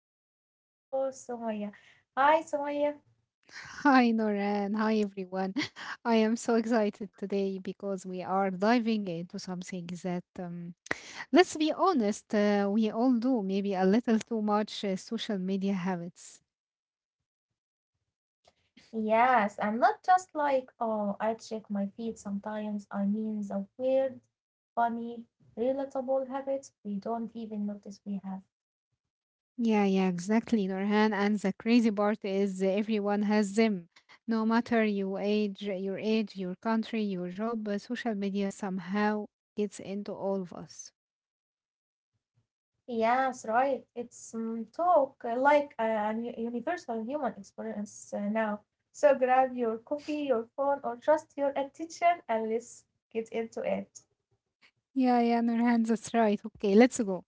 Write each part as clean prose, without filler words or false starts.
as always my lovely co-host Sumaya. Hi Sumaya. Hi Noran, hi everyone. I am so excited today because we are diving into something that, let's be honest, we all do, maybe a little too much social media habits. Yes, I'm not just like, oh, I check my feed sometimes. I mean the weird, funny, relatable habits we don't even notice we have. Yeah, yeah, exactly, Norhan. And the crazy part is everyone has them. No matter your age, your country, your job, social media somehow gets into all of us. Yes, right. It's talk like a universal human experience now. So grab your coffee, your phone, or just your attention and let's get into it. Yeah, yeah, Norhan, that's right. Okay, let's go.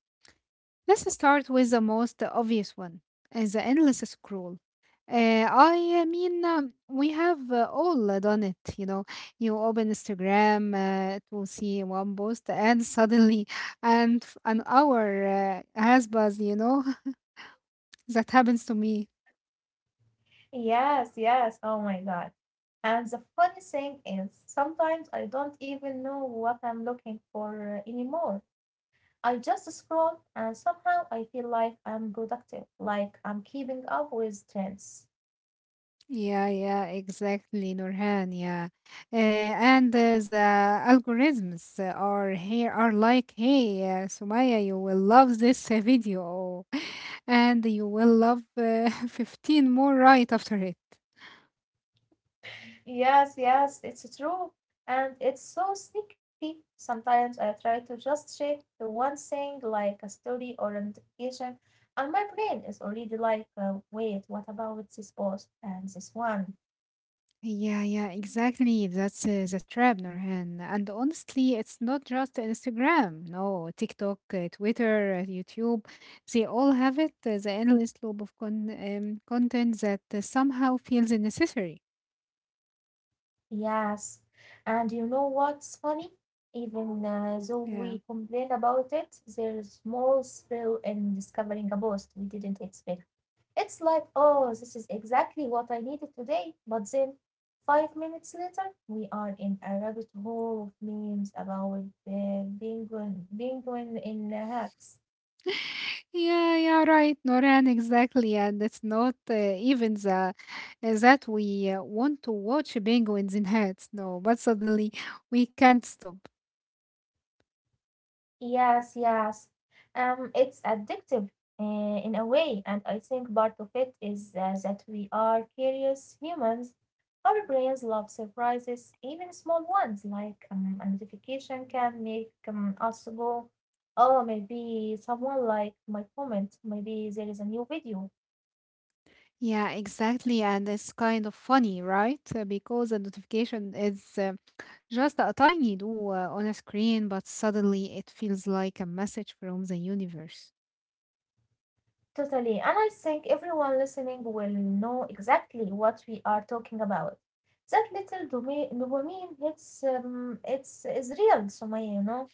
Let's start with the most obvious one, the endless scroll. We have all done it. You open Instagram to see one post, and an hour has passed. That happens to me. Yes, yes. Oh my God. And the funny thing is, sometimes I don't even know what I'm looking for anymore. I just scroll and somehow I feel like I'm productive, like I'm keeping up with trends. Yeah, yeah, exactly, Nurhan. Yeah, and The algorithms are here are like, hey, Sumaya, you will love this video, and you will love 15 more right after it. Yes, yes, it's true. And it's so sneaky. Sometimes I try to just check the one thing like a story or a notification, and my brain is already like, wait, what about this post and this one? Yeah, yeah, exactly. That's the trap, Nurhan. And honestly, it's not just Instagram. No, TikTok, Twitter, YouTube, they all have it. The endless loop of content that somehow feels necessary. Yes. And you know what's funny? Even though we Yeah. complain about it, there's small thrill in discovering a post we didn't expect. It's like, oh, this is exactly what I needed today. But then, 5 minutes later, we are in a rabbit hole of memes about the penguin in hats. Yeah, yeah, right, Noran, exactly. And it's not even the that we want to watch penguins in hats. No, but suddenly we can't stop. Yes, yes. It's addictive in a way, and I think part of it is that we are curious humans. Our brains love surprises, even small ones like a notification can make us go, oh, maybe someone liked my comment, maybe there is a new video. Yeah, exactly. And it's kind of funny, right? Because the notification is just a tiny do on a screen, but suddenly it feels like a message from the universe. Totally. And I think everyone listening will know exactly what we are talking about. That little dopamine hits, it's is real, Sumaya, you know?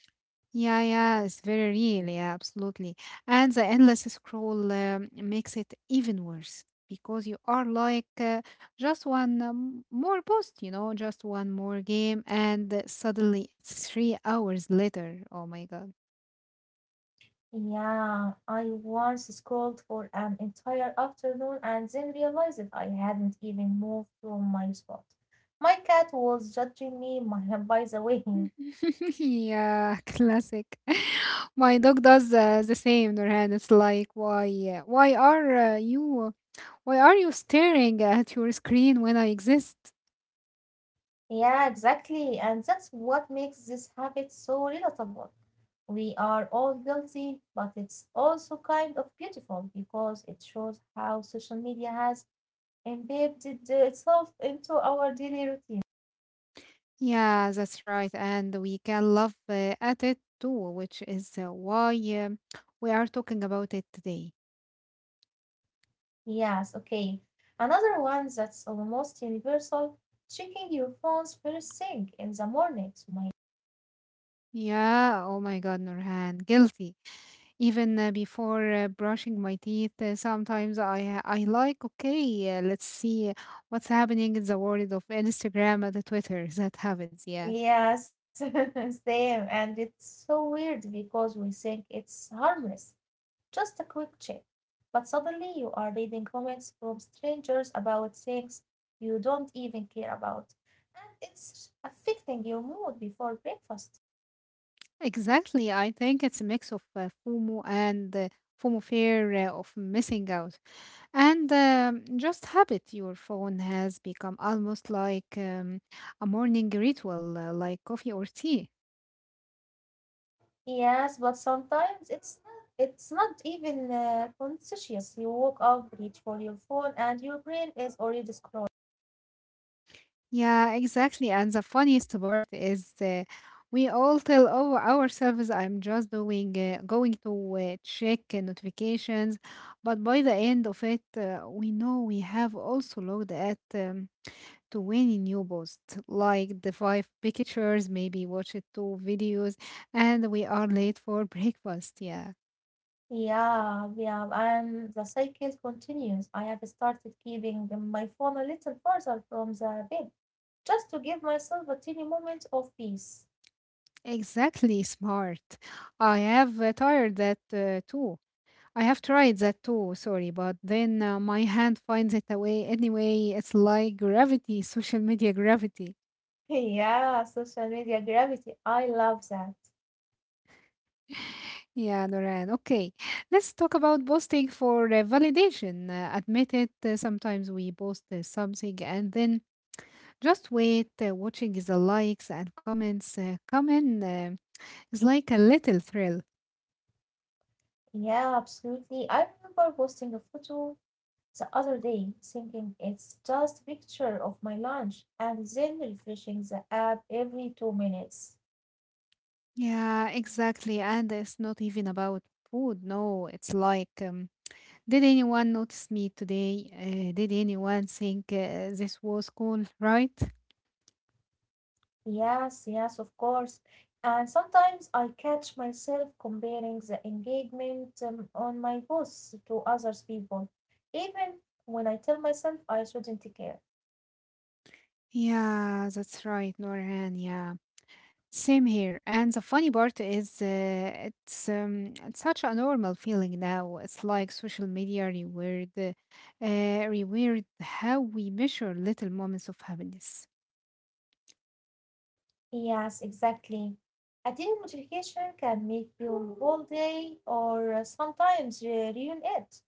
Yeah, yeah, it's very real. Yeah, absolutely. And the endless scroll makes it even worse because you are like just one more post, you know, just one more game, and suddenly it's three hours later. Oh my God. Yeah, I once scrolled for an entire afternoon and then realized I hadn't even moved from my spot. My cat was judging me my, by the way. Yeah, classic. My dog does the same, Nurhan. It's like, why are why are you staring at your screen when I exist? Yeah, exactly. And that's what makes this habit so relatable. We are all guilty, but it's also kind of beautiful because it shows how social media has embedded itself into our daily routine. Yeah, that's right. And we can love at it too, which is why um, we are talking about it today. Yes, okay. Another one that's almost universal, checking your phones first thing in the morning. So my Yeah, oh my God, Nurhan, guilty. Even before brushing my teeth, sometimes I like, okay, let's see what's happening in the world of Instagram and the Twitter. That happens, yeah. yes, same. And it's so weird because we think it's harmless. Just a quick check. But suddenly you are reading comments from strangers about things you don't even care about, and it's affecting your mood before breakfast. Exactly. I think it's a mix of FOMO, fear of missing out. And just habit, your phone has become almost like a morning ritual, like coffee or tea. Yes, but sometimes it's not even conscious. You woke up, reach for your phone, and your brain is already scrolling. Yeah, exactly. And the funniest part is we all tell ourselves, I'm just going to check notifications. But by the end of it, we know we have also looked at to any new post, like the five pictures, maybe watch it two videos, and we are late for breakfast. Yeah. Yeah, yeah, and the cycle continues. I have started keeping my phone a little further from the bed just to give myself a tiny moment of peace. Exactly, smart. I have tried that too, sorry, but then my hand finds it away anyway. It's like gravity, social media gravity. Yeah, social media gravity. I love that. Yeah, Noran. Okay, let's talk about posting for validation. Admit it, sometimes we post something and then just wait, watching the likes and comments come in. It's like a little thrill. Yeah, absolutely. I remember posting a photo the other day thinking it's just a picture of my lunch and then refreshing the app every 2 minutes. Yeah, exactly. And it's not even about food. No, it's like, did anyone notice me today? Did anyone think this was cool, right? Yes, yes, of course. And sometimes I catch myself comparing the engagement on my posts to others people, even when I tell myself I shouldn't care. Yeah, that's right, Norhan. Yeah, same here. And the funny part is, it's such a normal feeling now. It's like social reward how we measure little moments of happiness. Yes, exactly. Attending notification can make your whole day or sometimes ruin it.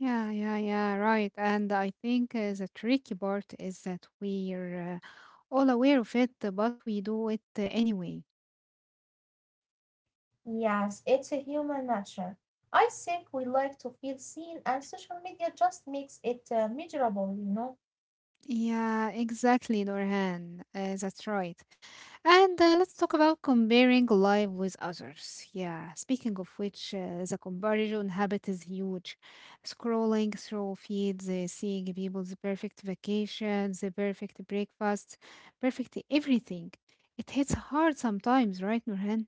Yeah, yeah, yeah, right. And I think the tricky part is that we're all aware of it, but we do it anyway. Yes, it's a human nature. I think we like to feel seen, and social media just makes it miserable, you know? Yeah, exactly, Norhan. That's right. And let's talk about comparing life with others. Yeah, speaking of which, the comparison habit is huge. Scrolling through feeds, seeing people's perfect vacations, the perfect breakfasts, perfect everything. It hits hard sometimes, right, Norhan?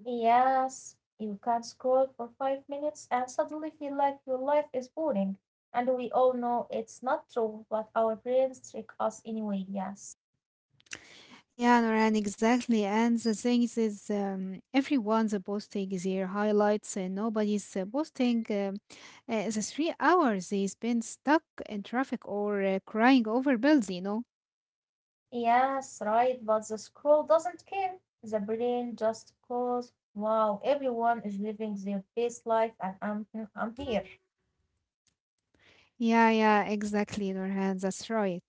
Yes, you can scroll for 5 minutes and suddenly feel like your life is boring. And we all know it's not true, but our brains trick us anyway, yes. Yeah, Noran, exactly. And the thing is, everyone's posting their highlights, and nobody's posting the three hours they spend stuck in traffic or crying over bills, you know? Yes, right, but the scroll doesn't care. The brain just goes, wow, everyone is living their best life and I'm here. Yeah, yeah, exactly, Noran, that's right.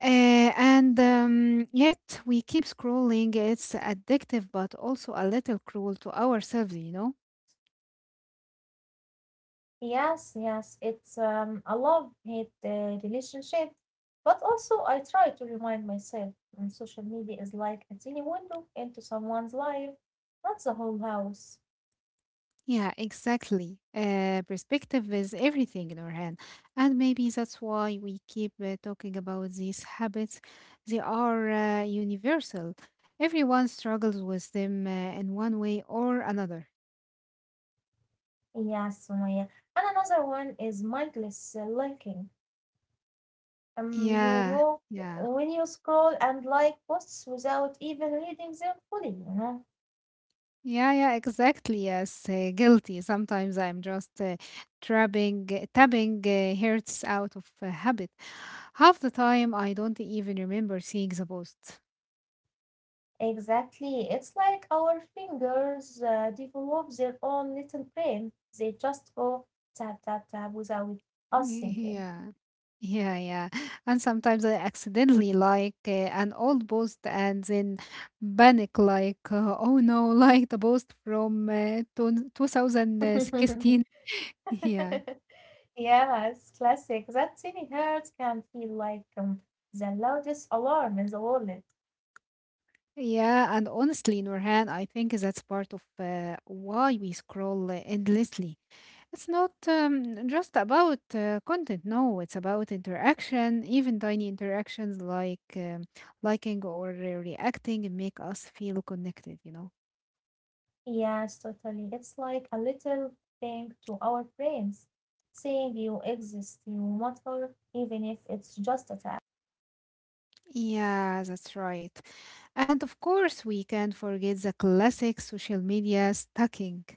And Yet we keep scrolling. It's addictive, but also a little cruel to ourselves, you know? Yes, yes, it's a love-hate relationship. But also, I try to remind myself social media is like a tiny window into someone's life, not the whole house. Yeah, exactly. Perspective is everything, Nurhan. And maybe that's why we keep talking about these habits. They are universal. Everyone struggles with them in one way or another. Yes, Sumaya. And another one is mindless liking. You Yeah, know, yeah. when you scroll and like posts without even reading them fully, Yeah, yeah, exactly. Yes, guilty. Sometimes I'm just tapping hurts out of habit. Half the time, I don't even remember seeing the post. Exactly. It's like our fingers develop their own little brain. They just go tap, tap, tap without us thinking. Yeah. Yeah, yeah. And sometimes I accidentally like an old post and then panic like, oh no, like the post from 2016. Yeah. Yeah, it's classic. That tiny hurt can feel like the loudest alarm in the world. Yeah, and honestly, Nurhan, I think that's part of why we scroll endlessly. It's not just about content. No, it's about interaction. Even tiny interactions like liking or reacting make us feel connected, you know? Yes, totally. It's like a little thing to our brains saying you exist, you matter, even if it's just a tap. Yeah, that's right. And of course, we can't forget the classic social media stalking.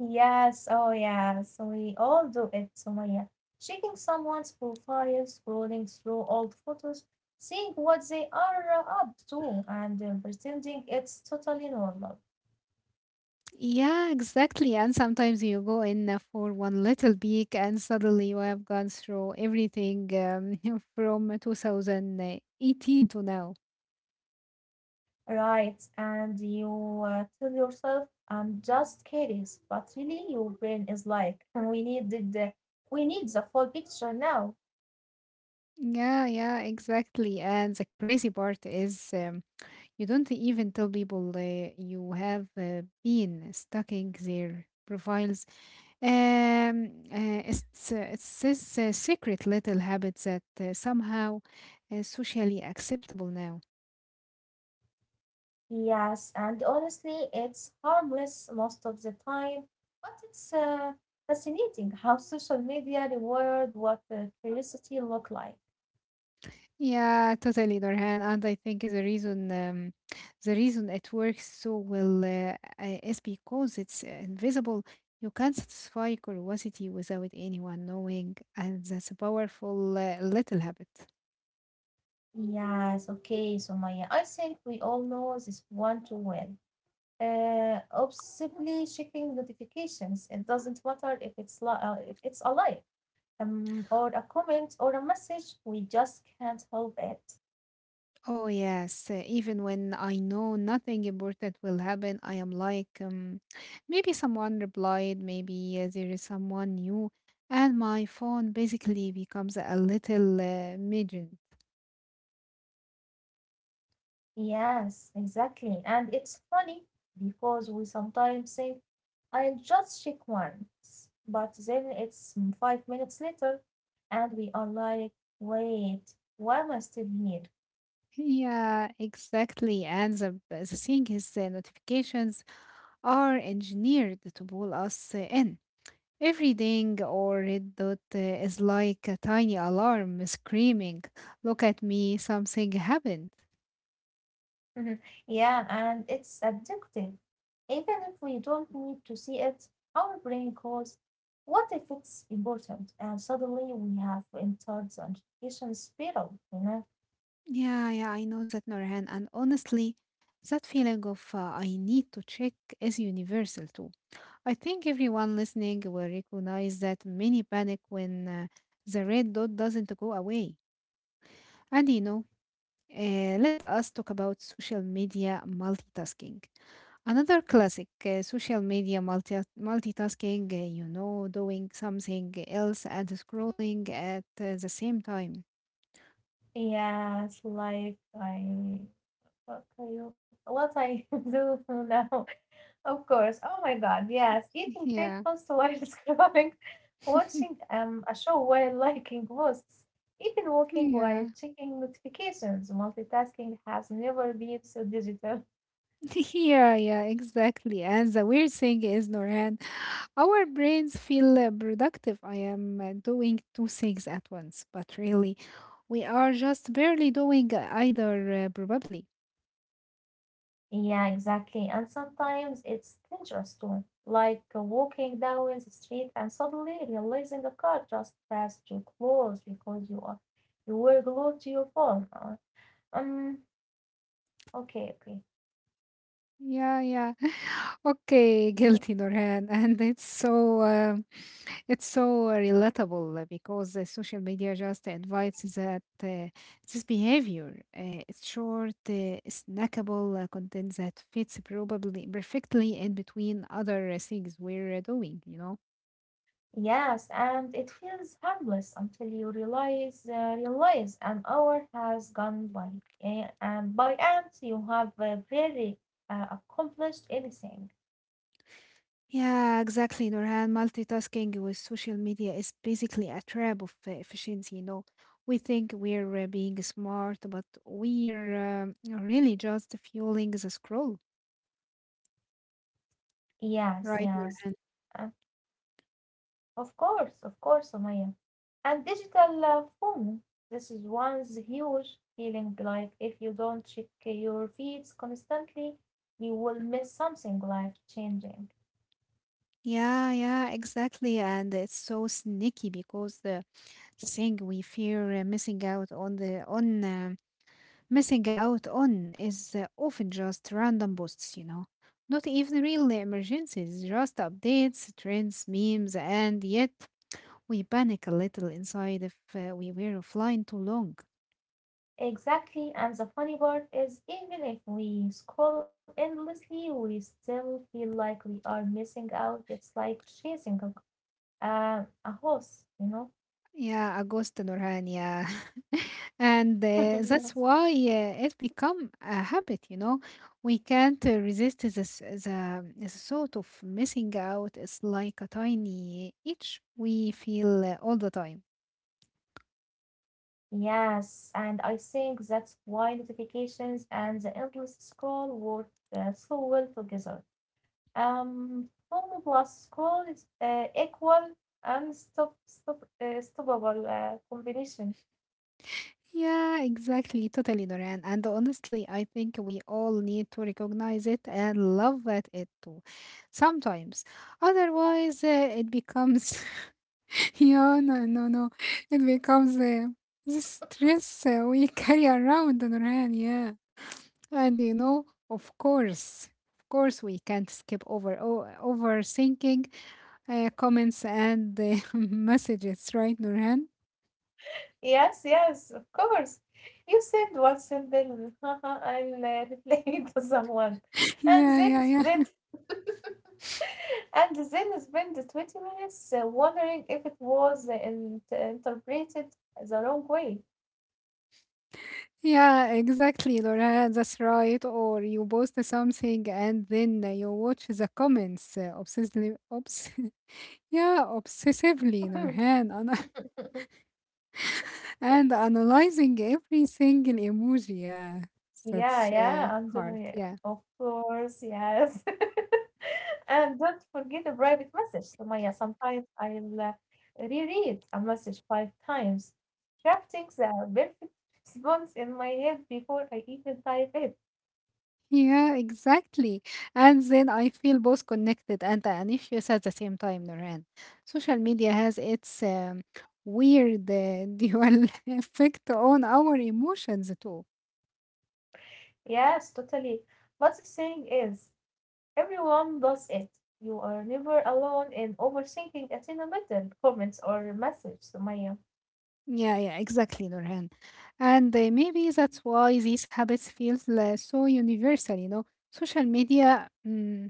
Yes, oh yes, we all do it, Sumaya. Checking someone's profile, scrolling through old photos, seeing what they are up to, and pretending it's totally normal. Yeah, exactly. And sometimes you go in for one little peek, and suddenly you have gone through everything from 2018 to now. Right, and you tell yourself, I'm just curious, but really your brain is like, we need the full picture now. Yeah, yeah, exactly. And the crazy part is you don't even tell people you have been stalking their profiles. It's this secret little habit that somehow socially acceptable now. Yes, and honestly, it's harmless most of the time, but it's fascinating how social media reward what curiosity look like. Yeah, totally, Dorhan. And I think the reason it works so well is because it's invisible. You can satisfy curiosity without anyone knowing, and that's a powerful little habit. Yes, okay, so Maya, I think we all know this one too well. Obsessively checking notifications. It doesn't matter if if it's a like or a comment or a message. We just can't help it. Oh yes, even when I know nothing important will happen, I am like, maybe someone replied, maybe there is someone new, and my phone basically becomes a little midget. Yes, exactly. And it's funny because we sometimes say, "I'll just check once," but then it's 5 minutes later, and we are like, "Wait, why am I still here?" Yeah, exactly. And the thing is, the notifications are engineered to pull us in. Every ding or red dot is like a tiny alarm screaming, look at me, something happened. Mhm. Yeah, and it's addictive. Even if we don't need to see it, our brain goes, what if it's important? And suddenly we have entered the education spiral, you know? Yeah, yeah, I know that, Norhan. And honestly, that feeling of I need to check is universal too. I think everyone listening will recognize that many panic when the red dot doesn't go away. And you know, uh, let us talk about social media multitasking. Another classic social media multitasking, you know, doing something else and scrolling at the same time. Yes, like I What I What I do now? Of course. Oh my God. Yes. Eating Yeah. breakfast while scrolling, watching a show while liking posts, even walking while Yeah. checking notifications. Multitasking has never been so digital. Yeah, yeah, exactly. And the weird thing is, Norhan, our brains feel productive. I am doing two things at once, but really, we are just barely doing either, probably. Yeah, exactly. And sometimes it's dangerous too. Like walking down the street and suddenly realizing a car just passed you close because you were glued to your phone. Um. Okay. Okay. Yeah, yeah. Okay, guilty, Norhan, and it's so relatable because social media just invites that this behavior. It's short, snackable content that fits probably perfectly in between other things we're doing. You know? Yes, and it feels harmless until you realize an hour has gone by, and you have very accomplished anything. Yeah, exactly, Norhan. Multitasking with social media is basically a trap of efficiency. You know, we think we're being smart, but we're really just fueling the scroll. Yes, Right, yes, Nurhan. uh, of course, Omaya. And digital phone, this is one's huge feeling. Like if you don't check your feeds constantly, you will miss something life changing. Yeah, yeah, exactly. And it's so sneaky because the thing we fear missing out on the on missing out on is often just random posts, you know. Not even real emergencies, just updates, trends, memes, and yet we panic a little inside if we were offline too long. Exactly, and the funny part is even if we scroll endlessly, we still feel like we are missing out. It's like chasing a horse, you know? Yeah, Augusto Nurhan, yeah. And that's Yes. why it become a habit, you know. We can't resist the thought of missing out. It's like a tiny itch we feel all the time. Yes, and I think that's why notifications and the endless scroll work so well together. Phone plus scroll is equal and stoppable combination. Yeah, exactly. Totally, Noran. And honestly, I think we all need to recognize it and love at it too. Sometimes. Otherwise, it becomes. Yeah, no, no, no. It becomes the stress we carry around, Noran. Yeah. And you know, of course, we can't skip over overthinking comments and messages, right, Noran? Yes, yes, of course. You send one simple, I'll reply to someone, and Yeah, then yeah, spend yeah. and then spend 20 minutes wondering if it was interpreted the wrong way. Yeah, exactly, Laura. That's right. Or you post something and then you watch the comments obsessively, obs yeah, obsessively, Nurhan, and analyzing every single emoji. Yeah, Yeah, that's yeah, hard. Antonio, Yeah. of course, yes. And don't forget the private message, Sumaya. Sometimes I'll reread a message five times, crafting the perfect response in my head before I even type it. Yeah, exactly. And then I feel both connected and anxious at the same time, Nurhan. Social media has its weird dual effect on our emotions too. Yes, totally. But the thing is, everyone does it. You are never alone in overthinking a single little comments or message, Sumaya. Yeah, yeah, exactly, Nurhan. And maybe that's why these habits feel so universal, you know. Social media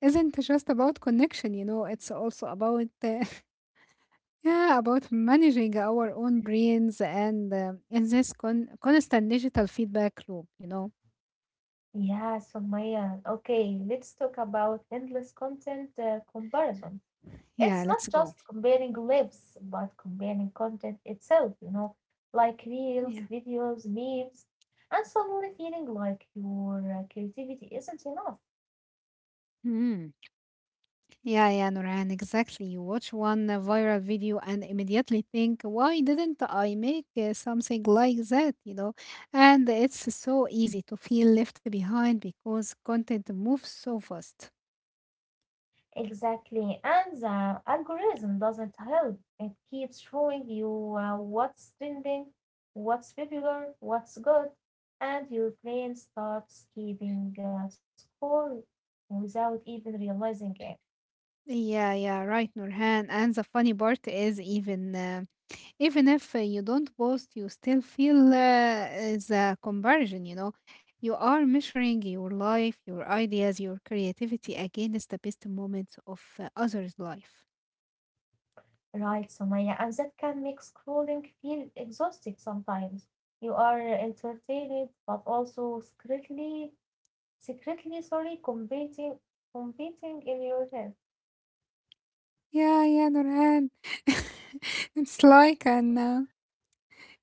isn't just about connection, you know, it's also about yeah, about managing our own brains and in this constant digital feedback loop, you know. Yeah, Sumaya. Okay, let's talk about endless content comparison. It's Yeah, not let's just go. comparing lives, but comparing content itself, you know, like reels, Yeah. videos, memes, and suddenly feeling like your creativity isn't enough. Yeah, yeah, Nurhan, exactly. You watch one viral video and immediately think, why didn't I make something like that? And it's so easy to feel left behind because content moves so fast. Exactly. And the algorithm doesn't help. It keeps showing you what's trending, what's popular, what's good, and your brain starts keeping score without even realizing it. Yeah, yeah, right, Nurhan. And the funny part is, even if you don't post, you still feel the comparison. You know, you are measuring your life, your ideas, your creativity against the best moments of others' life. Right, Sumaya, and that can make scrolling feel exhausting sometimes. You are entertained, but also secretly competing in your head. Yeah, yeah, Nurhan. it's like an uh,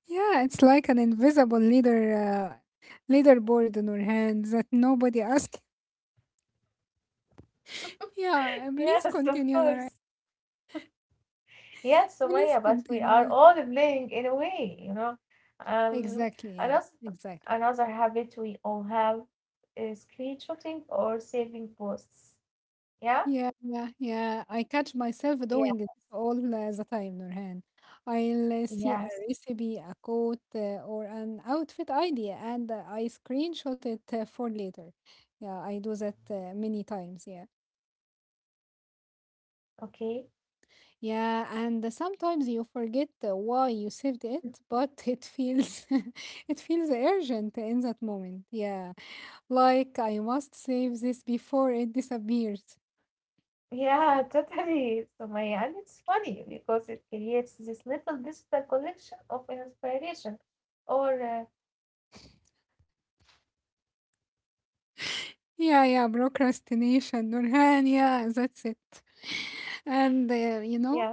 yeah, it's like an invisible leaderboard, Nurhan, that nobody asks. Yeah, Yes, please of continue, course. Nurhan. Yes, Please Sumaya, but we are continue. all playing in a way, you know. Um, Exactly. Yeah. another Exactly. Another habit we all have is screenshotting or saving posts. Yeah, Yeah, yeah, yeah. I catch yeah, myself doing this all the time, Nurhan. I'll see a yes. recipe, a quote, or an outfit idea, and I screenshot it for later. Yeah, I do that many times. Yeah. Okay. Yeah, and sometimes you forget why you saved it, but it feels it feels urgent in that moment. Yeah. Like I must save this before it disappears. Yeah, totally, Sumaya. And it's funny because it creates this little digital collection of inspiration. Or, Yeah, yeah, procrastination, Nurhan, yeah, that's it. And you yes, know,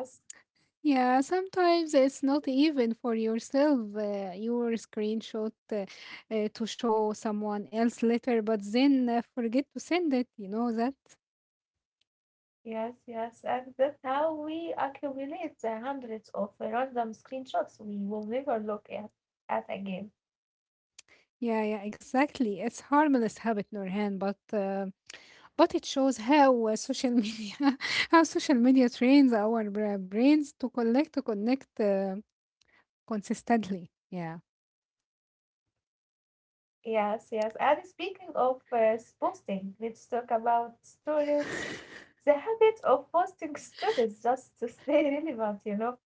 yeah, sometimes it's not even for yourself, your screenshot to show someone else later, but then forget to send it, you know that? yes, yes. And that's how we accumulate hundreds of random screenshots we will never at again. Yeah, yeah, exactly. It's harmless habit, Nurhan, but it shows how social media, how social media trains our brains to collect, to connect consistently. Yeah, Yes, yes. And speaking of posting, let's talk about stories. The habit of posting stories just to stay relevant, you know.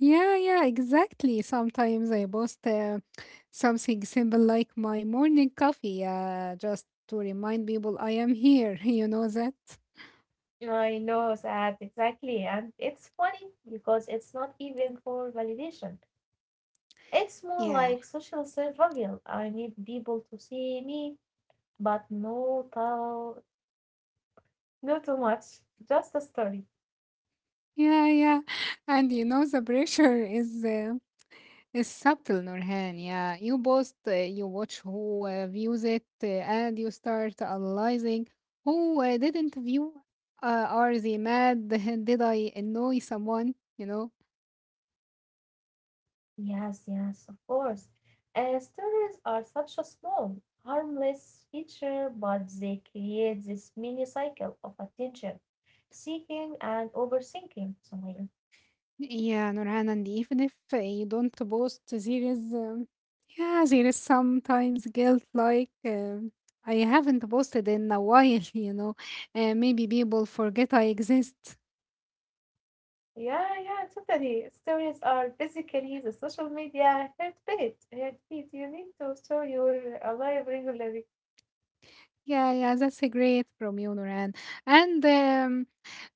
yeah, yeah, exactly. Sometimes I post something simple like my morning coffee, just to remind people I am here. You know that. I know, that exactly. And it's funny because it's not even for validation. It's more Yeah. like social survival. I need people to see me, but no tell, no too much, just a story. Yeah, yeah. And you know, the pressure is السبت لنورهان yeah you post you watch who views it and you start analyzing who didn't view are they mad did I annoy someone you know Yes, yes, of course. Stories are such a small, harmless feature, but they create this mini cycle of attention seeking and overthinking. So I yeah Nurhan and even if you don't post there is yeah there is sometimes guilt like I haven't posted in a while you know maybe people forget I exist. yeah, yeah, totally. Stories are basically the social media heartbeat. Heartbeat. You need to show you're alive regularly. Yeah, yeah, that's a great from you, Noran. And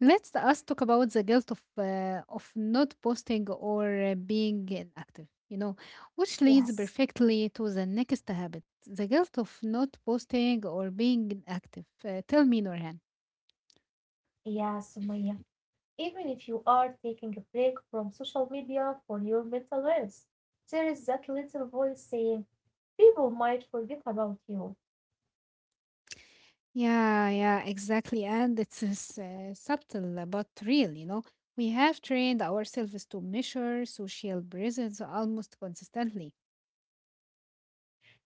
Let's us talk about the guilt of not posting or being inactive. You know, which leads Yes, perfectly to the next habit: the guilt of not posting or being inactive. Tell me, Noran. yes, Sumaya. Even if you are taking a break from social media for your mental health, there is that little voice saying, people might forget about you. Yeah, yeah, exactly. And it's subtle but real, you know. We have trained ourselves to measure social presence almost consistently.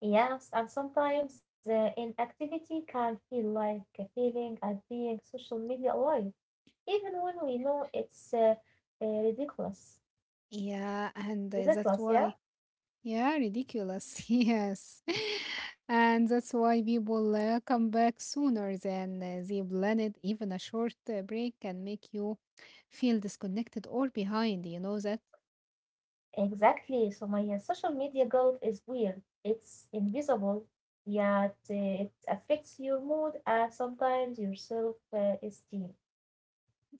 Yes, and sometimes inactivity can feel like a feeling of being social media alive, even when we know it's ridiculous. Yeah, With and the class, that's yeah? why. Yeah, ridiculous. Yes. And that's why people come back sooner than they planned. Even a short break can make you feel disconnected or behind, you know that? Exactly. So my social media guilt is weird. It's invisible, yet it affects your mood and sometimes your self-esteem.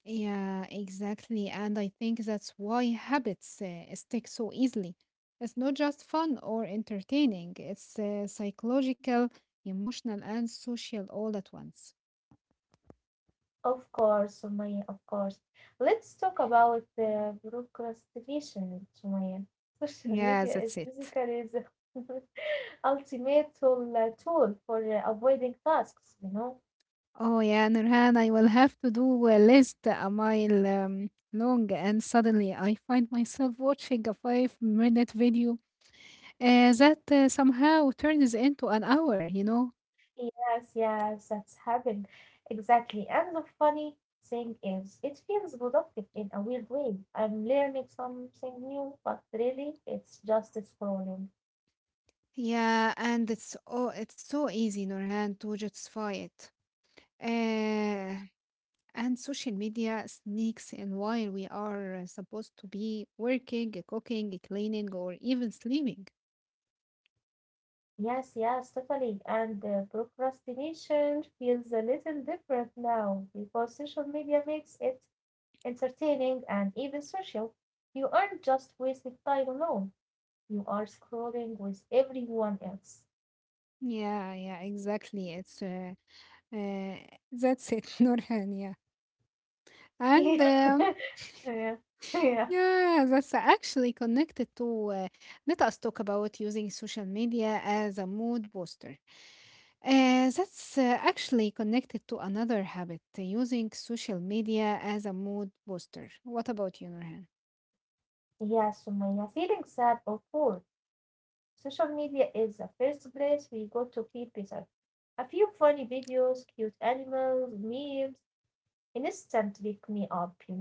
Yeah, exactly. And I think that's why habits stick so easily. It's not just fun or entertaining, it's psychological, emotional, and social all at once. Of course, Sumaya, of course. Let's talk about procrastination, Sumaya. Social Yeah, media that's is it. basically the ultimate tool for avoiding tasks, you know? Oh, yeah, Nurhan, I will have to do a list a mile long, and suddenly I find myself watching a 5 minute video that somehow turns into an hour, you know? Yes, yes, that's happened. Exactly. And the funny thing is, it feels productive in a weird way. I'm learning something new, but really, it's just scrolling. Yeah, and it's oh, it's so easy, Nurhan, to justify it. Uh, and social media sneaks in while we are supposed to be working, cooking, cleaning, or even sleeping. Yes, yes, totally. And procrastination feels a little different now because social media makes it entertaining and even social. You aren't just wasting time alone, you are scrolling with everyone else. Yeah, yeah, exactly. It's Uh, that's it, Nurhan. Yeah, and Yeah. Yeah. yeah, that's actually connected to. Let us talk about using social media as a mood booster. That's actually connected to another habit, using social media as a mood booster. What about you, Nurhan? Yeah, Sumaya, feeling sad or poor. Social media is the first place we go to feel better. A few funny videos, cute animals, memes, instantly wake me up, you know.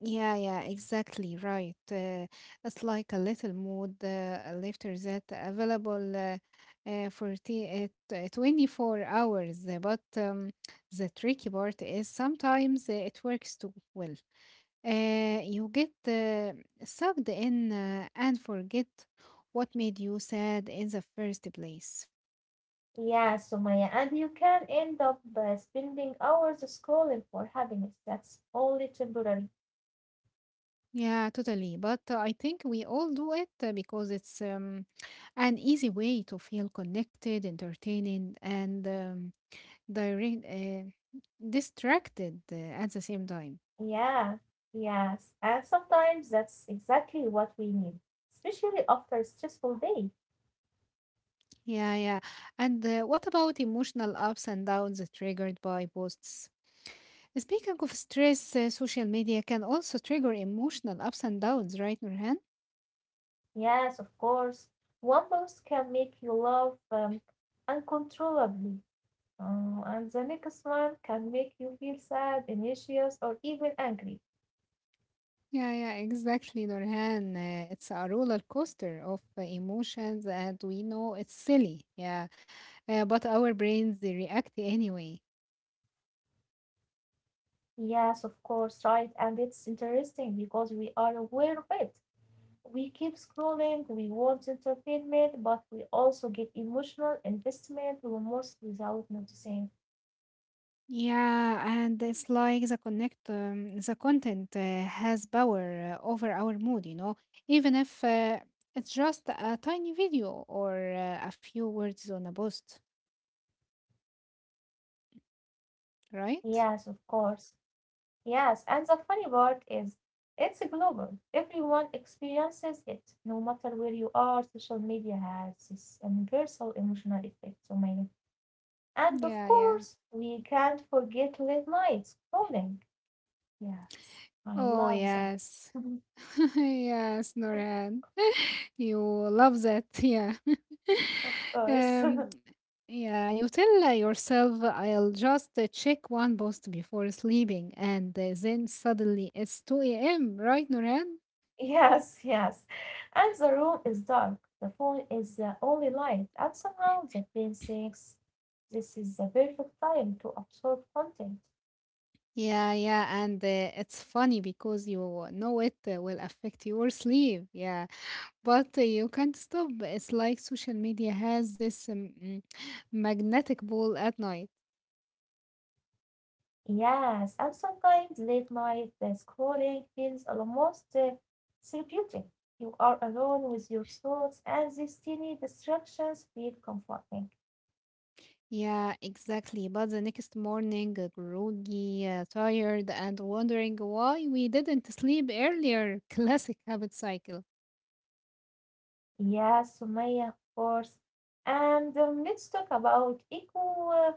Yeah, yeah, exactly right. It's like a little mood lifter that available for at 24 hours. But the tricky part is sometimes it works too well. You get sucked in and forget what made you sad in the first place. Yeah, Sumaya, and you can end up by spending hours scrolling for happiness. That's only temporary. Yeah, totally. But I think we all do it because it's an easy way to feel connected, entertaining, and direct, uh, distracted at the same time. Yeah, yes. And sometimes that's exactly what we need, especially after a stressful day. Yeah, yeah. And what about emotional ups and downs triggered by posts? Speaking of stress, social media can also trigger emotional ups and downs, right, Nurhan? Yes, of course. One post can make you laugh uncontrollably, and the next one can make you feel sad, anxious, or even angry. Yeah, yeah, exactly, Nurhan. It's a roller coaster of emotions, and we know it's silly, yeah, but our brains they react anyway. Yes, of course, right. And it's interesting because we are aware of it. We keep scrolling, we want entertainment, but we also get emotional investment, almost without noticing. Yeah, and it's like the content has power over our mood, you know, even if it's just a tiny video or a few words on a post, right? Yes, of course. Yes, and the funny part is it's global. Everyone experiences it, no matter where you are. Social media has this universal emotional effect on. And of Yeah, yeah. course, we can't forget late night scrolling. Yes, I Oh, love that. yes. Mhm. Yes, Noran. You love that, yeah. Of course. Um, yeah, you tell yourself, I'll just check one post before sleeping, and then suddenly it's 2 a.m., right, Noran? Yes, yes. And the room is dark. The phone is the only light. And somehow the brain thinks this is the perfect time to absorb content. Yeah, yeah, and it's funny because you know it will affect your sleep, yeah, but you can't stop. It's like social media has this magnetic ball at night. Yes, and sometimes late night the scrolling feels almost therapeutic. You are alone with your thoughts, and these tiny distractions feel comforting. Yeah, exactly. But the next morning, groggy, tired, and wondering why we didn't sleep earlier. Classic habit cycle. Yes, Sumaya, of course. And let's talk about echo uh,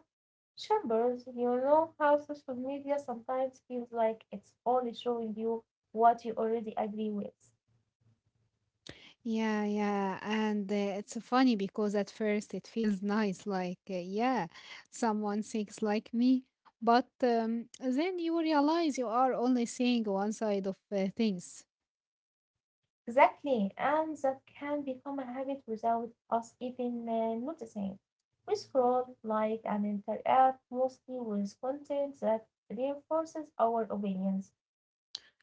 chambers. You know how social media sometimes feels like it's only showing you what you already agree with. Yeah, yeah. And it's funny because at first it feels nice, like, yeah, someone thinks like me. But then you realize you are only seeing one side of things. Exactly, and that can become a habit without us even noticing. We scroll, like, and interact mostly with content that reinforces our opinions.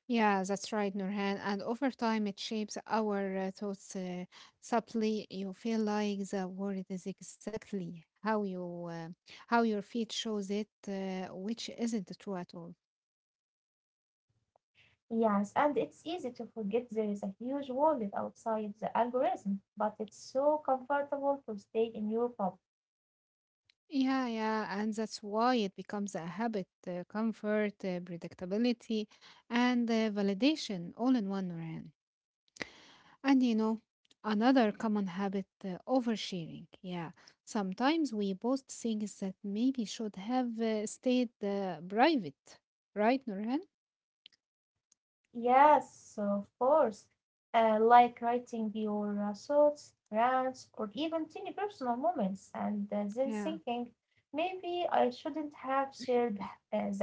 Yeah, that's right, Nurhan. And over time, it shapes our thoughts subtly. You feel like the world is exactly how you how your feed shows it, which isn't true at all. Yes, and it's easy to forget there is a huge world outside the algorithm, but it's so comfortable to stay in your bubble. Yeah, yeah, and that's why it becomes a habit, comfort, predictability, and validation all in one, Nurhan. And you know, another common habit oversharing. Yeah, sometimes we post things that maybe should have stayed private, right, Nurhan? Yes, of course. Like writing your thoughts, rants, or even tiny personal moments, and then Yeah, thinking, maybe I shouldn't have shared that.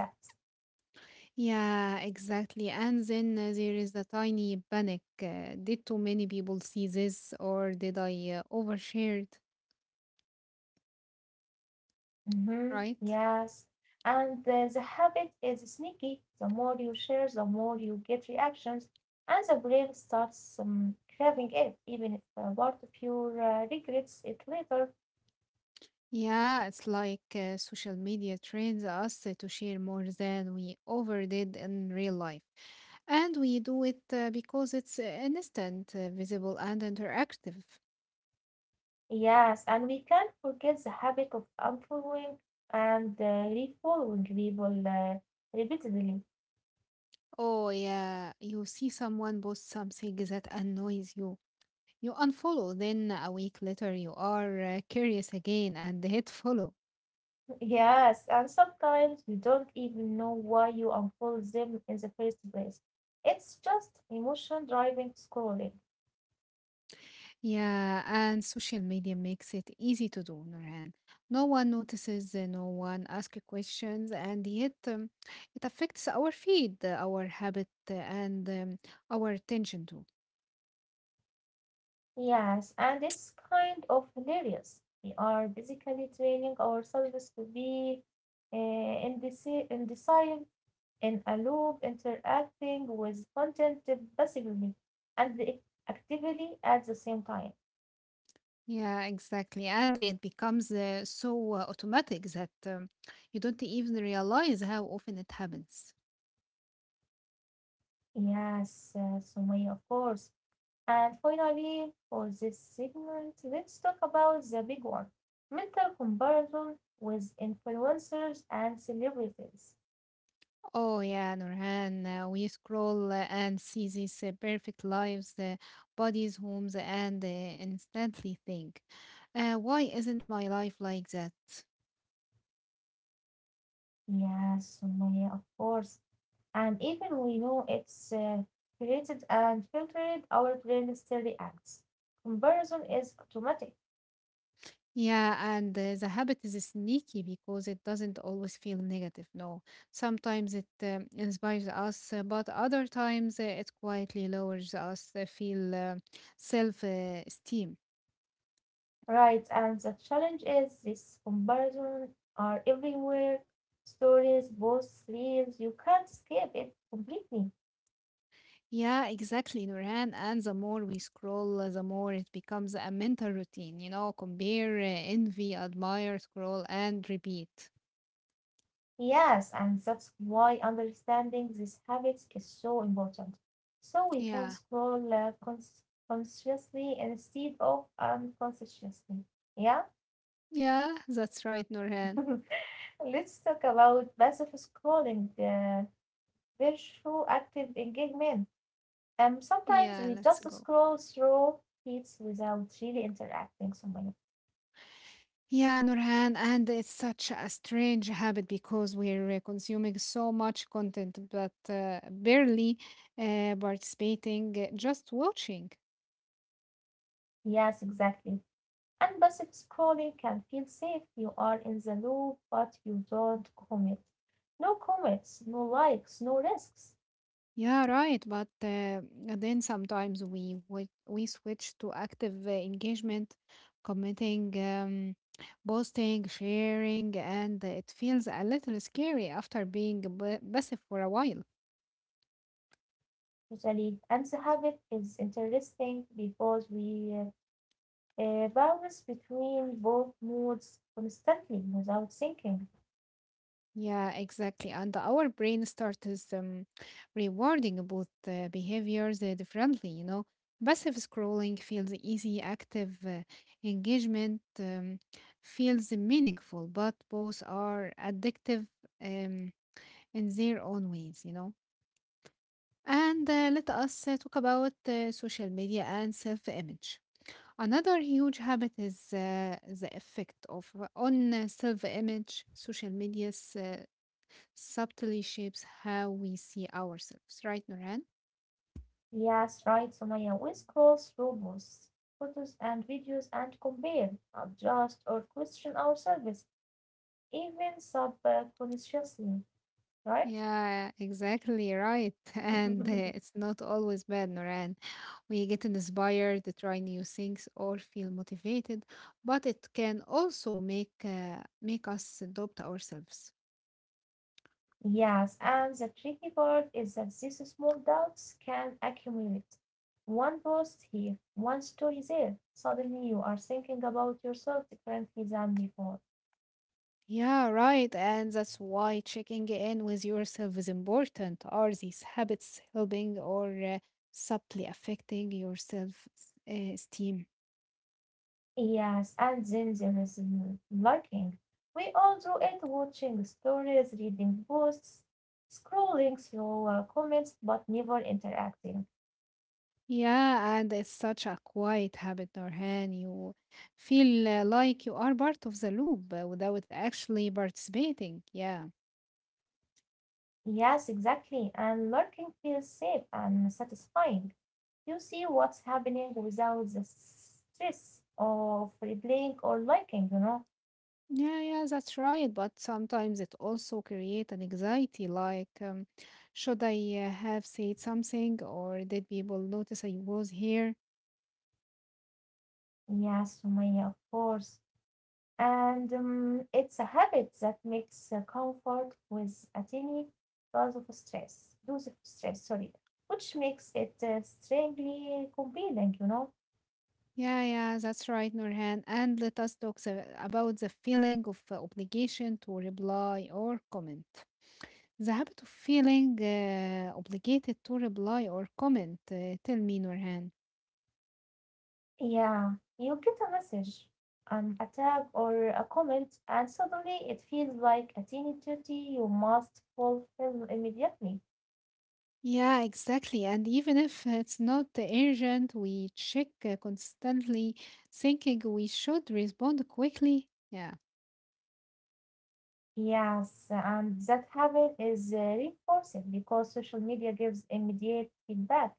yeah, exactly. And then there is a tiny panic. Did too many people see this, or did I overshared, Hmm, right? yes. And the habit is sneaky. The more you share, the more you get reactions, and the brain starts craving it, even if part of you regrets it later. Yeah, it's like social media trains us to share more than we overdid in real life. And we do it because it's instant, visible, and interactive. Yes, and we can't forget the habit of unfollowing and refollowing people repeatedly. Oh, yeah, you see someone post something that annoys you. You unfollow, then a week later you are curious again and hit follow. Yes, and sometimes you don't even know why you unfollow them in the first place. It's just emotion driving scrolling. Yeah, and social media makes it easy to do, Nurhan. No one notices, no one asks questions, and yet it affects our feed, our habit, and our attention too. Yes, and it's kind of hilarious. We are basically training ourselves to be indecisive in a loop interacting with content passively and actively at the same time. Yeah, exactly. And it becomes so automatic that you don't even realize how often it happens. Yes, Sumaya, of course. And finally, for this segment, let's talk about the big one mental comparison with influencers and celebrities. Oh, yeah, Nurhan, we scroll and see these perfect lives, bodies, homes, and instantly think, why isn't my life like that? Yes, Sumaya, of course. And even we know it's created and filtered our brain still reacts. Comparison is automatic. Yeah, and the habit is sneaky because it doesn't always feel negative. No, sometimes it inspires us, but other times it quietly lowers us, feel self esteem. Right, and the challenge is this comparison are everywhere. Stories, posts, reels, you can't escape it completely. Yeah, exactly, Nurhan. And the more we scroll, the more it becomes a mental routine, you know, compare, envy, admire, scroll, and repeat. Yes, and that's why understanding these habits is so important. So we can Yeah, scroll consciously instead of unconsciously. Yeah? yeah, that's right, Nurhan. Let's talk about passive scrolling, virtual active engagement. Sometimes Yeah, we let's just go. scroll through feeds without really interacting so many. Yeah, Nurhan, and it's such a strange habit because we're consuming so much content but barely participating, just watching. Yes, exactly. And passive scrolling can feel safe. You are in the loop, but you don't commit. No commits, no likes, no risks. Yeah, right. But then sometimes we switch to active engagement, commenting, posting, sharing, and it feels a little scary after being passive for a while. Usually, and the habit is interesting because we bounce between both moods constantly without thinking. Yeah, exactly. And our brain starts rewarding both behaviors differently, you know. Passive scrolling feels easy, active engagement feels meaningful, but both are addictive um, in their own ways, you know. And let us talk about social media and self-image. Another huge habit is the effect of on self-image. Social media's subtly shapes how we see ourselves, right, Noran? Yes, right, so, Sumaya. We scroll through posts, photos, and videos and compare, adjust, or question ourselves, even subconsciously, right? Yeah, exactly right. And it's not always bad, Noran. We get inspired to try new things or feel motivated, but it can also make us doubt ourselves. Yes, and the tricky part is that these small doubts can accumulate. One post here, one story there. Suddenly you are thinking about yourself differently than before. Yeah, right. And that's why checking in with yourself is important. Are these habits helping or subtly affecting your self esteem? Yes, and then there is lurking. We all do it watching stories, reading posts, scrolling through comments, but never interacting. Yeah, and it's such a quiet habit, Norhan. You feel like you are part of the loop without actually participating. Yeah. Yes, exactly. And lurking feels safe and satisfying. You see what's happening without the stress of replaying or liking, you know? Yeah, yeah, that's right. But sometimes it also creates an anxiety, like, should I have said something, or did people notice I was here? Yes, Sumaya, of course. And it's a habit that makes comfort with a tiny dose of stress, which makes it strangely compelling, you know? Yeah, yeah, that's right, Norhan. And let us about the feeling of obligation to reply or comment. The habit of feeling obligated to reply or comment, tell me, Nurhan. Yeah, you get a message, an attack, or a comment, and suddenly it feels like a tiny duty you must fulfill immediately. Yeah, exactly. And even if it's not urgent, we check constantly, thinking we should respond quickly. Yeah, Yes, and that habit is reinforced because social media gives immediate feedback.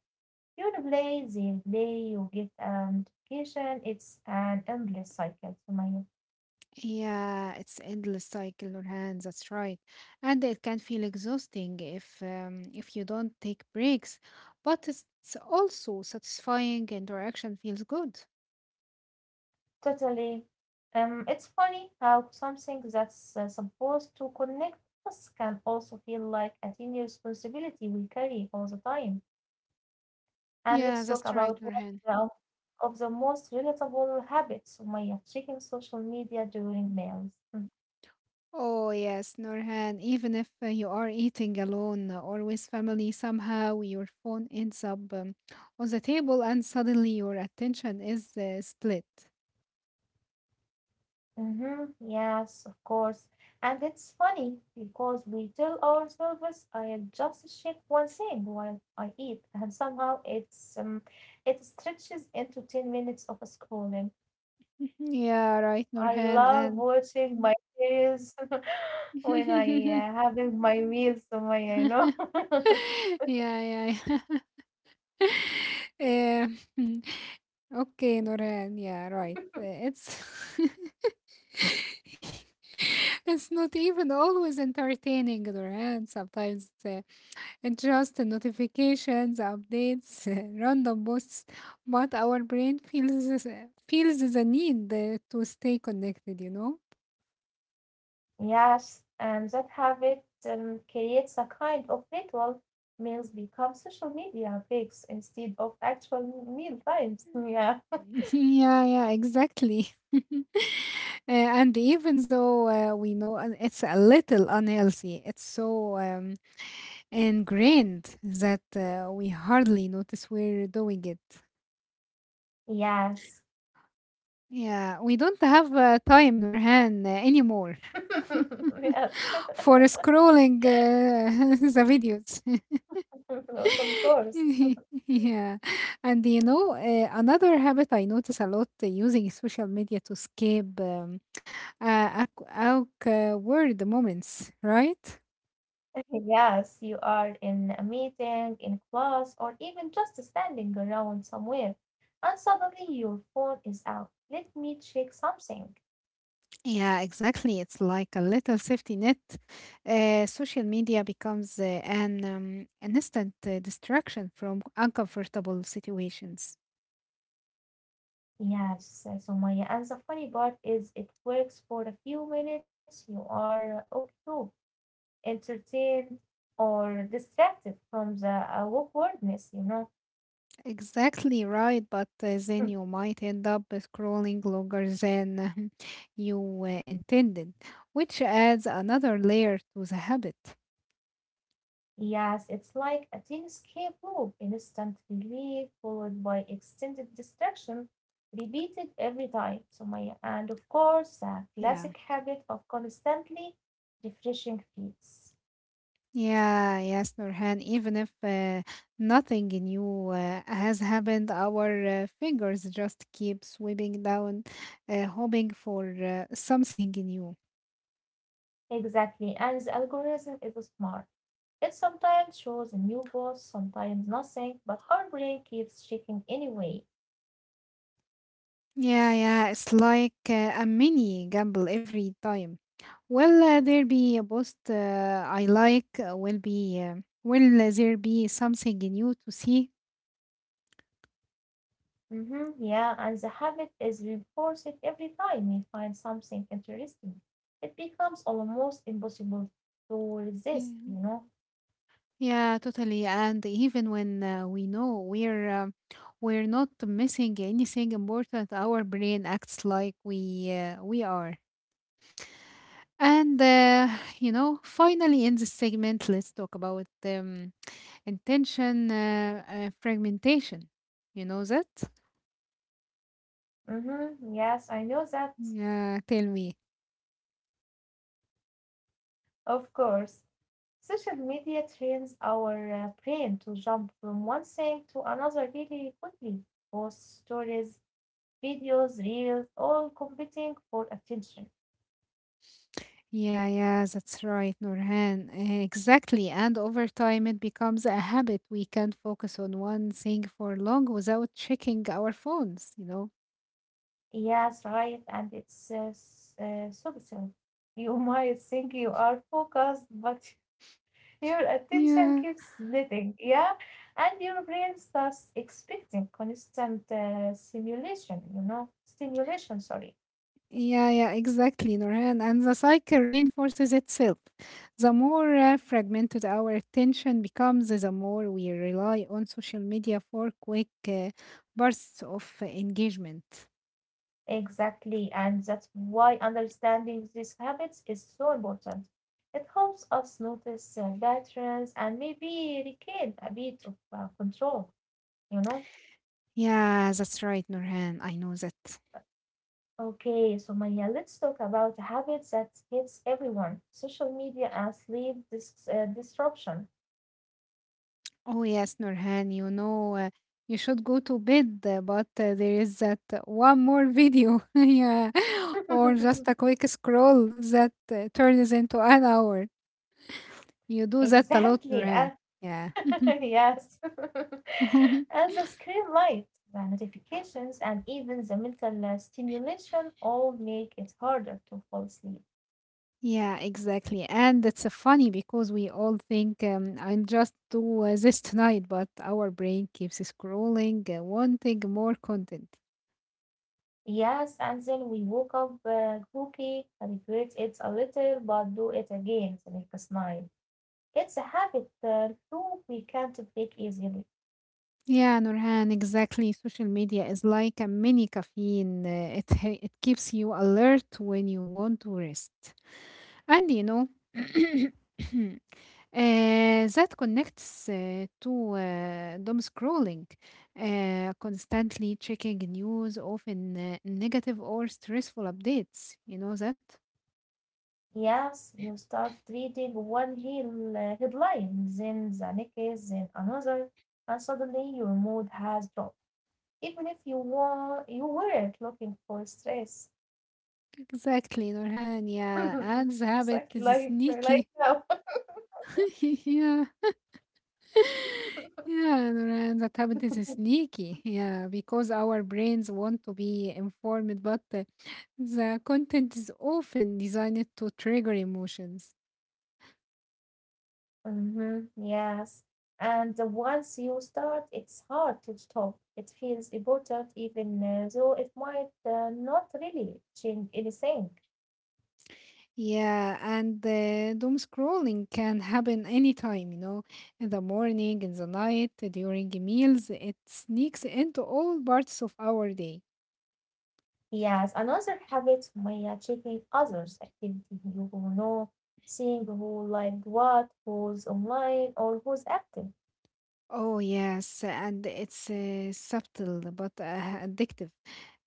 You replay the day, you get a notification, it's an endless cycle, Sumaya. yeah, it's endless cycle, Nurhan. That's right. And it can feel exhausting if you don't take breaks, but it's also satisfying. Interaction feels good. Totally. It's funny how something that's supposed to connect us can also feel like a tiny responsibility we carry all the time. And let's Yeah, talk that's right, about one Nurhan. of the, of the most relatable habits, Sumaya, checking social media during meals. Hmm. Oh, yes, Norhan. Even if you are eating alone or with family, somehow your phone ends up on the table and suddenly your attention is split. Mm-hmm. Yes, of course. And it's funny because we tell ourselves, I just check one thing while I eat, and somehow it stretches into 10 minutes of scrolling. Yeah, right, I Norhan. love And watching my series when I yeah, having my meals, so my. yeah, yeah. Um, okay, Norhan. Yeah, right. It's it's not even always entertaining, Norhan. Sometimes Just notifications, updates, random posts, but our brain feels the need to stay connected? Yes, and that habit creates a kind of ritual. Meals become social media breaks instead of actual meal times. Yeah. Yeah, yeah, exactly. And even though we know it's a little unhealthy, it's so ingrained that we hardly notice we're doing it. Yes. Yeah, we don't have time, Nurhan, anymore Yes, for scrolling the videos. of course. Yeah, and another habit I notice a lot using social media to escape awkward moments, right? Yes, you are in a meeting, in class, or even just standing around somewhere, and suddenly your phone is out. Let me check something. Yeah, exactly. It's like a little safety net. Social media becomes an instant distraction from uncomfortable situations. Yes, Sumaya. And the funny part is, it works for a few minutes. You are okay, entertained, or distracted from the awkwardness, you know. Exactly right, but then you might end up scrolling longer than you intended, which adds another layer to the habit. Yes, it's like a thin escape loop, instant relief followed by extended distraction, repeated every time. So my and of course, a Yeah. classic habit of constantly refreshing feeds. Yeah, yes, Nurhan. Even if nothing new has happened, our fingers just keep sweeping down, hoping for something new. Exactly, and the algorithm is smart. It sometimes shows a new boss, sometimes nothing, but our brain keeps checking anyway. Yeah, yeah, it's like a mini gamble every time. Will there be a post I like? Will be will there be something new to see? Mm-hmm, yeah, and the habit is reinforced every time we find something interesting. It becomes almost impossible to resist, you know? Yeah. Yeah, totally. And even when we know we're not missing anything important, our brain acts like we are. And you know, finally, in this segment, let's talk about intention fragmentation. You know that? Mm-hmm, yes, I know that, Yeah, tell me. of course. Social media trains our brain to jump from one thing to another really quickly. Posts, stories, videos, reels, all competing for attention. Yeah, yeah, that's right, Nurhan. Exactly. And over time, it becomes a habit. We can't focus on one thing for long without checking our phones, you know? Yes, right, and it's subtle. You might think you are focused, but your attention Yeah, keeps splitting, yeah? And your brain starts expecting constant stimulation, you know, stimulation, sorry. yeah, yeah, exactly, Norhan. And the cycle reinforces itself. The more fragmented our attention becomes, the more we rely on social media for quick bursts of engagement. Exactly. And that's why understanding these habits is so important. It helps us notice patterns and maybe regain a bit of control, you know? Yeah, that's right, Norhan. I know that. Okay, so Maya, let's talk about a habit that hits everyone, social media and disruption. Oh, yes, Norhan, you know, you should go to bed, but there is that one more video. Yeah, or just a quick scroll that turns into an hour. You do that a lot, Exactly. Nurhan. Yeah. yes. And the screen light, the notifications, and even the mental stimulation all make it harder to fall asleep. Yeah, exactly. And it's funny because we all think I'll just do this tonight, but our brain keeps scrolling, wanting more content. Yes, and then we woke up groggy, regret it a little, but do it again the next night. It's a habit loop we can't break easily. Yeah, Nurhan, exactly. Social media is like a mini caffeine. It keeps you alert when you want to rest. And you know, uh, that connects to doom scrolling, constantly checking news, often negative or stressful updates. You know that? Yes, you start reading one headline, then the next, then another, and suddenly your mood has dropped, even if you weren't looking for stress. Exactly, Nurhan. Yeah, Ads habit Exactly, is like sneaky. now. Yeah. Yeah, Nurhan, that habit is sneaky. Yeah, because our brains want to be informed, but the content is often designed to trigger emotions. Hmm, yes. And once you start it's hard to stop. It feels important even though it might not really change anything. Yeah, and doom scrolling can happen anytime, you know, in the morning, in the night, during meals. It sneaks into all parts of our day. Yes, another habit may checking others activity, you know, seeing who like what, who's online or who's active. Oh, yes, and it's subtle but addictive.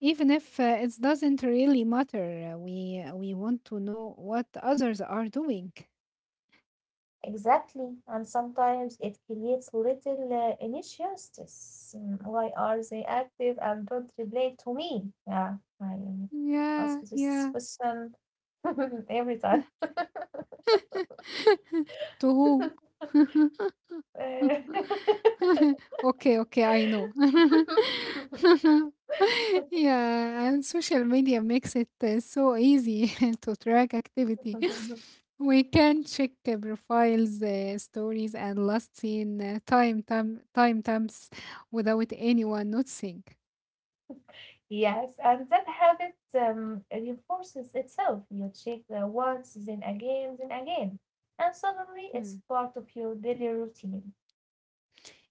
Even if it doesn't really matter, we want to know what others are doing. Exactly, and sometimes it creates little injustice. Mm, why are they active and don't reply to me? Yeah, I ask Yeah, this yeah. question every time. To whom? Uh, Okay, okay, I know. Yeah, and social media makes it so easy to track activity. We can check profiles, stories, and last seen times without anyone noticing. yes, and that habit reinforces itself. You check the once, then again, and suddenly it's Hmm. part of your daily routine.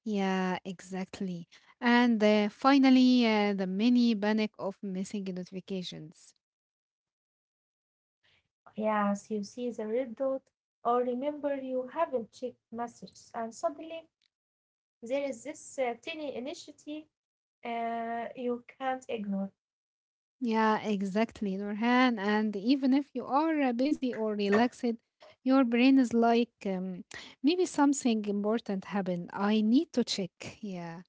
Yeah, exactly. And finally, the mini panic of missing notifications. Yes, you see the red dot, or remember you haven't checked messages, and suddenly there is this tiny initiative you can't ignore. Yeah, exactly, Nurhan. And even if you are busy or relaxed, your brain is like, maybe something important happened. I need to check. Yeah,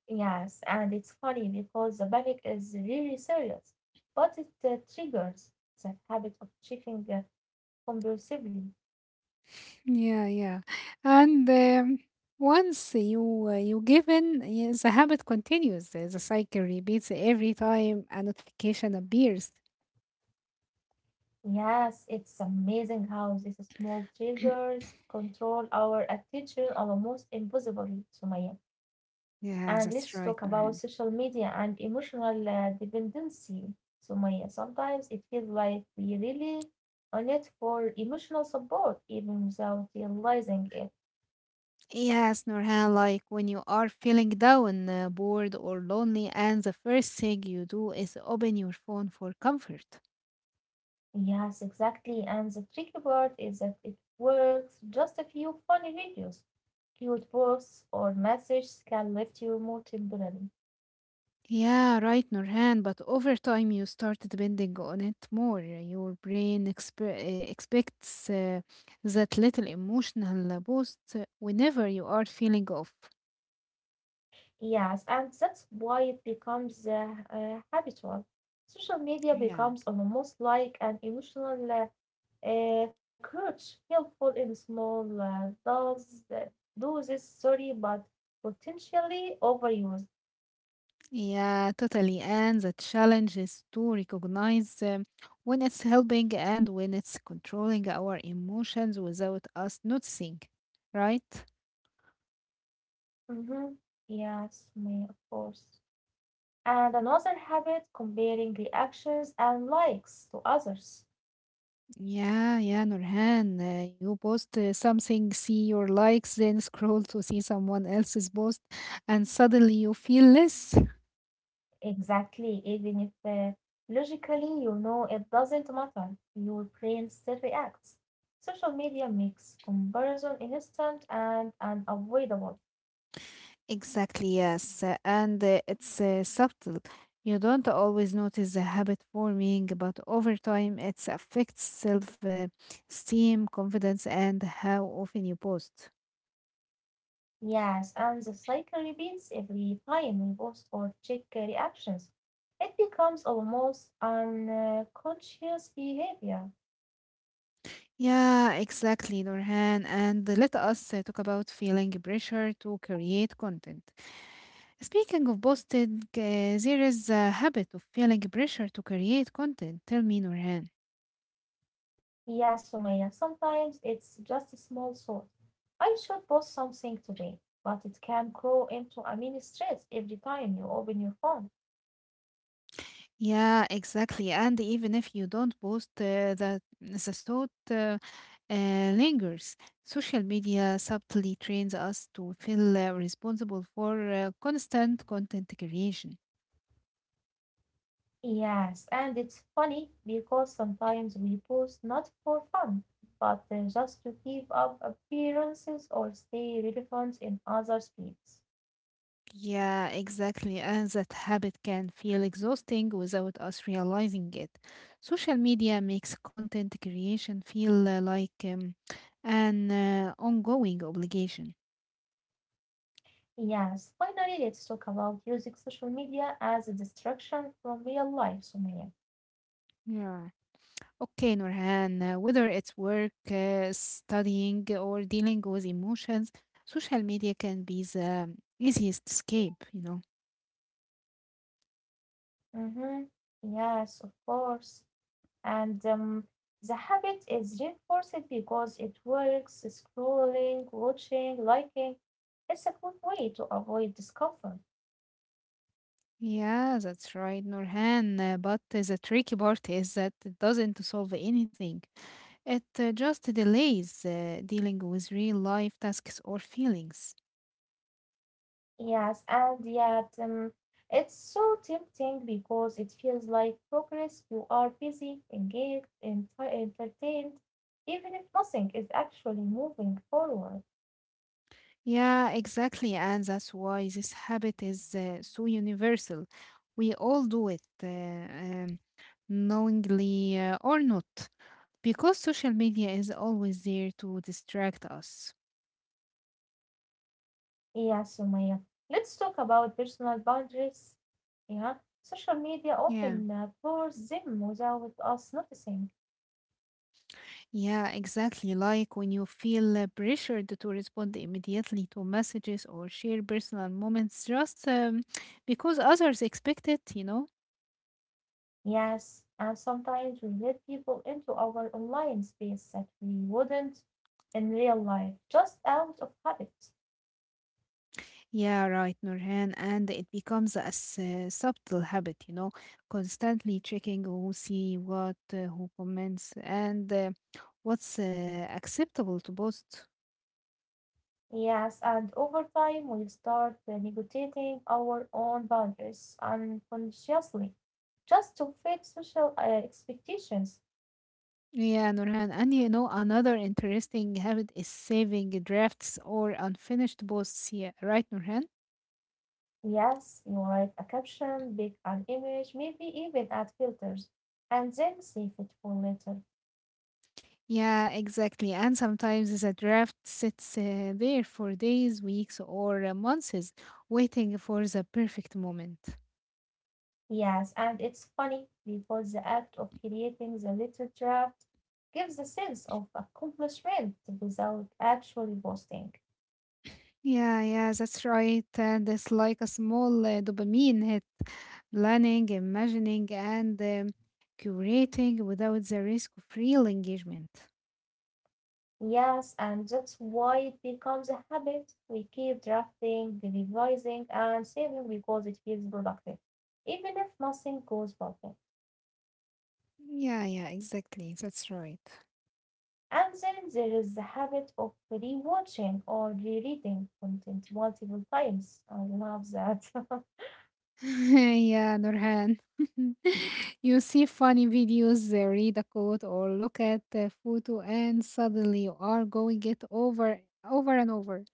Yes, and it's funny because the panic is really serious, but it triggers that habit of checking compulsively. yeah, yeah. And once you given, yeah, the habit continues. The cycle repeats every time a notification appears. Yes, it's amazing how these small triggers control our attention almost impossibly, Sumaya. Yeah, And let's that's talk right, about Nurhan. social media and emotional dependency. So, Maya, sometimes it feels like we really on it for emotional support, even without realizing it. Yes, Nurhan, like when you are feeling down, bored, or lonely, and the first thing you do is open your phone for comfort. Yes, exactly. And the tricky part is that it works. Just a few funny videos, cute posts, or messages can lift your mood temporarily. Yeah, right, Nurhan, but over time you start depending on it more. Your brain expects that little emotional boost whenever you are feeling off. Yes, and that's why it becomes habitual. Social media Yeah. becomes almost like an emotional crutch, helpful in small doses, but potentially overused. Yeah, totally. And the challenge is to recognize when it's helping and when it's controlling our emotions without us noticing, right? Mm-hmm. Yes, me of course. And another habit, comparing reactions and likes to others. Yeah, yeah, Nurhan, you post something, see your likes, then scroll to see someone else's post, and suddenly you feel less. Exactly, even if logically you know it doesn't matter, your brain still reacts. Social media makes comparison instant and unavoidable. Exactly, yes. And it's subtle. You don't always notice the habit forming, but over time it affects self esteem, confidence, and how often you post. Yes, and the cycle repeats every time we post or check reactions. It becomes almost unconscious behavior. Yeah, exactly, Nurhan. And let us talk about feeling pressure to create content. Speaking of posting, there is a habit of feeling pressure to create content. Tell me, Nurhan. Yes, Sumaya, sometimes it's just a small thought. I should post something today, but it can grow into a mini stress every time you open your phone. Yeah, exactly. And even if you don't post, the thought lingers. Social media subtly trains us to feel responsible for constant content creation. Yes, and it's funny because sometimes we post not for fun, but just to keep up appearances or stay relevant in other fields. Yeah, exactly. And that habit can feel exhausting without us realizing it. Social media makes content creation feel an ongoing obligation. Yes, finally, let's talk about using social media as a distraction from real life, Sumaya. Yeah. Okay, Nurhan, whether it's work, studying, or dealing with emotions, social media can be the easiest escape, you know. Mm-hmm. Yes, of course. And the habit is reinforced because it works scrolling, watching, liking. It's a good way to avoid discomfort. Yeah, that's right, Nurhan. But the tricky part is that it doesn't solve anything. It just delays dealing with real life tasks or feelings. Yes, and yet it's so tempting because it feels like progress. You are busy, engaged, entertained, even if nothing is actually moving forward. Yeah, exactly. And that's why this habit is so universal. We all do it. Um, Knowingly or not, because social media is always there to distract us. Yeah, Sumaya. Let's talk about personal boundaries. Yeah, social media Yeah. often blurs them without us noticing. Yeah, exactly. Like when you feel pressured to respond immediately to messages or share personal moments just because others expect it, you know? Yes, and sometimes we let people into our online space that we wouldn't in real life, just out of habit. Yeah, right, Nurhan. And it becomes a subtle habit, you know, constantly checking who see what, who comments, and what's acceptable to post. Yes, and over time we start negotiating our own boundaries unconsciously just to fit social expectations. Yeah, Nurhan. And you know, another interesting habit is saving drafts or unfinished posts. Yeah, right, Nurhan? Yes, you write a caption, pick an image, maybe even add filters, and then save it for later. Yeah, exactly. And sometimes the draft sits there for days, weeks, or months, waiting for the perfect moment. Yes, and it's funny because the act of creating the little draft gives a sense of accomplishment without actually posting. Yeah, yeah, that's right. And it's like a small dopamine hit. Planning, imagining, and curating without the risk of real engagement. Yes, and that's why it becomes a habit. We keep drafting, revising, and saving because it feels productive, even if nothing goes perfect. Yeah, yeah, exactly. That's right. And then there is the habit of rewatching or rereading content multiple times. I love that. Yeah, Nurhan. You see funny videos, read a quote, or look at a photo, and suddenly you are going it over, over and over.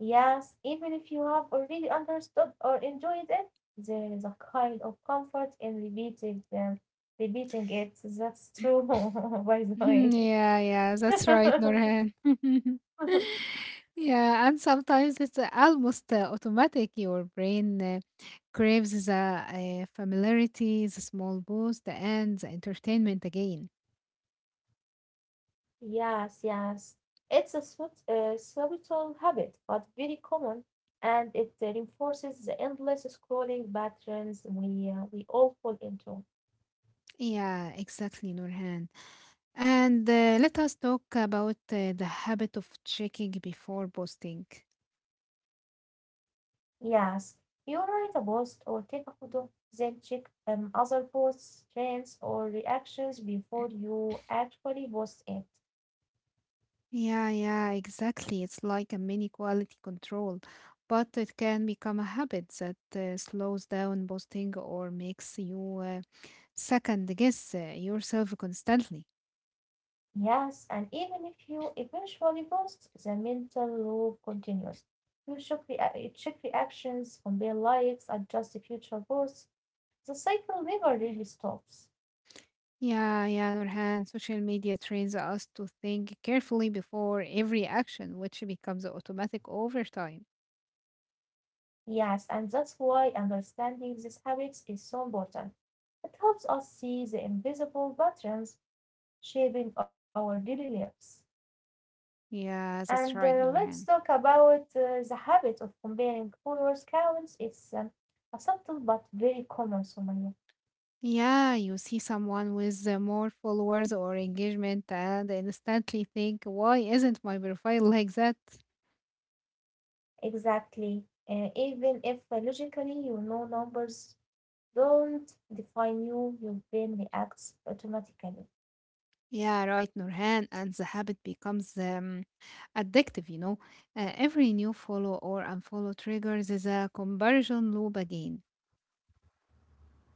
Yes, even if you have already understood or enjoyed it, there is a kind of comfort in repeating it. That's true, by the way. Yeah, yeah, that's right, Nurhan. Yeah, and sometimes it's almost automatic. Your brain craves the familiarity, the small boost, and the entertainment again. Yes, yes. It's a subtle habit, but very common, and it reinforces the endless scrolling patterns we all fall into. Yeah, exactly, Nurhan. And let us talk about the habit of checking before posting. Yes, you write a post or take a photo, then check other posts, trends, or reactions before you actually post it. Yeah, yeah, exactly. It's like a mini quality control, but it can become a habit that slows down posting or makes you second guess yourself constantly. Yes, and even if you eventually post, the mental loop continues. You check, you check reactions, compare likes, adjust the future posts. The cycle never really stops. Yeah, yeah, Nurhan, social media trains us to think carefully before every action, which becomes automatic over time. Yes, and that's why understanding these habits is so important. It helps us see the invisible patterns shaping our daily lives. Yeah, that's And right, let's Nurhan. talk about the habit of comparing followers counts. It's a subtle but very common, Sumaya. Yeah, you see someone with more followers or engagement and instantly think, why isn't my profile like that? Exactly. Even if logically you know numbers don't define you, your brain reacts automatically. Yeah, right, Nurhan. And the habit becomes addictive, you know. Every new follow or unfollow triggers is a comparison loop again.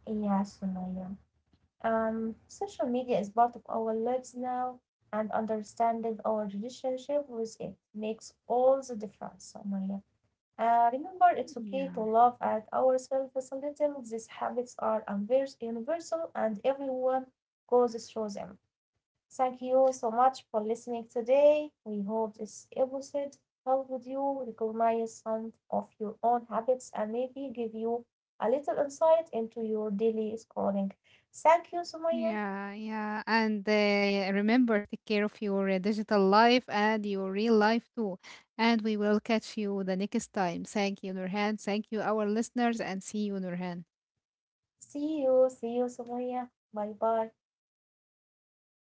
Yes, Sumaya. Social media is part of our lives now, and understanding our relationship with it makes all the difference, Omaya. Remember, it's okay to Yeah. laugh at ourselves a little. These habits are universal, and everyone goes through them. Thank you so much for listening today. We hope this episode helped you recognize some of your own habits and maybe give you a little insight into your daily scrolling. Thank you, Sumaya. Yeah, yeah. And yeah, remember, take care of your digital life and your real life too. And we will catch you the next time. Thank you, Nurhan. Thank you, our listeners, and see you, Nurhan. See you semuanya. Bye bye.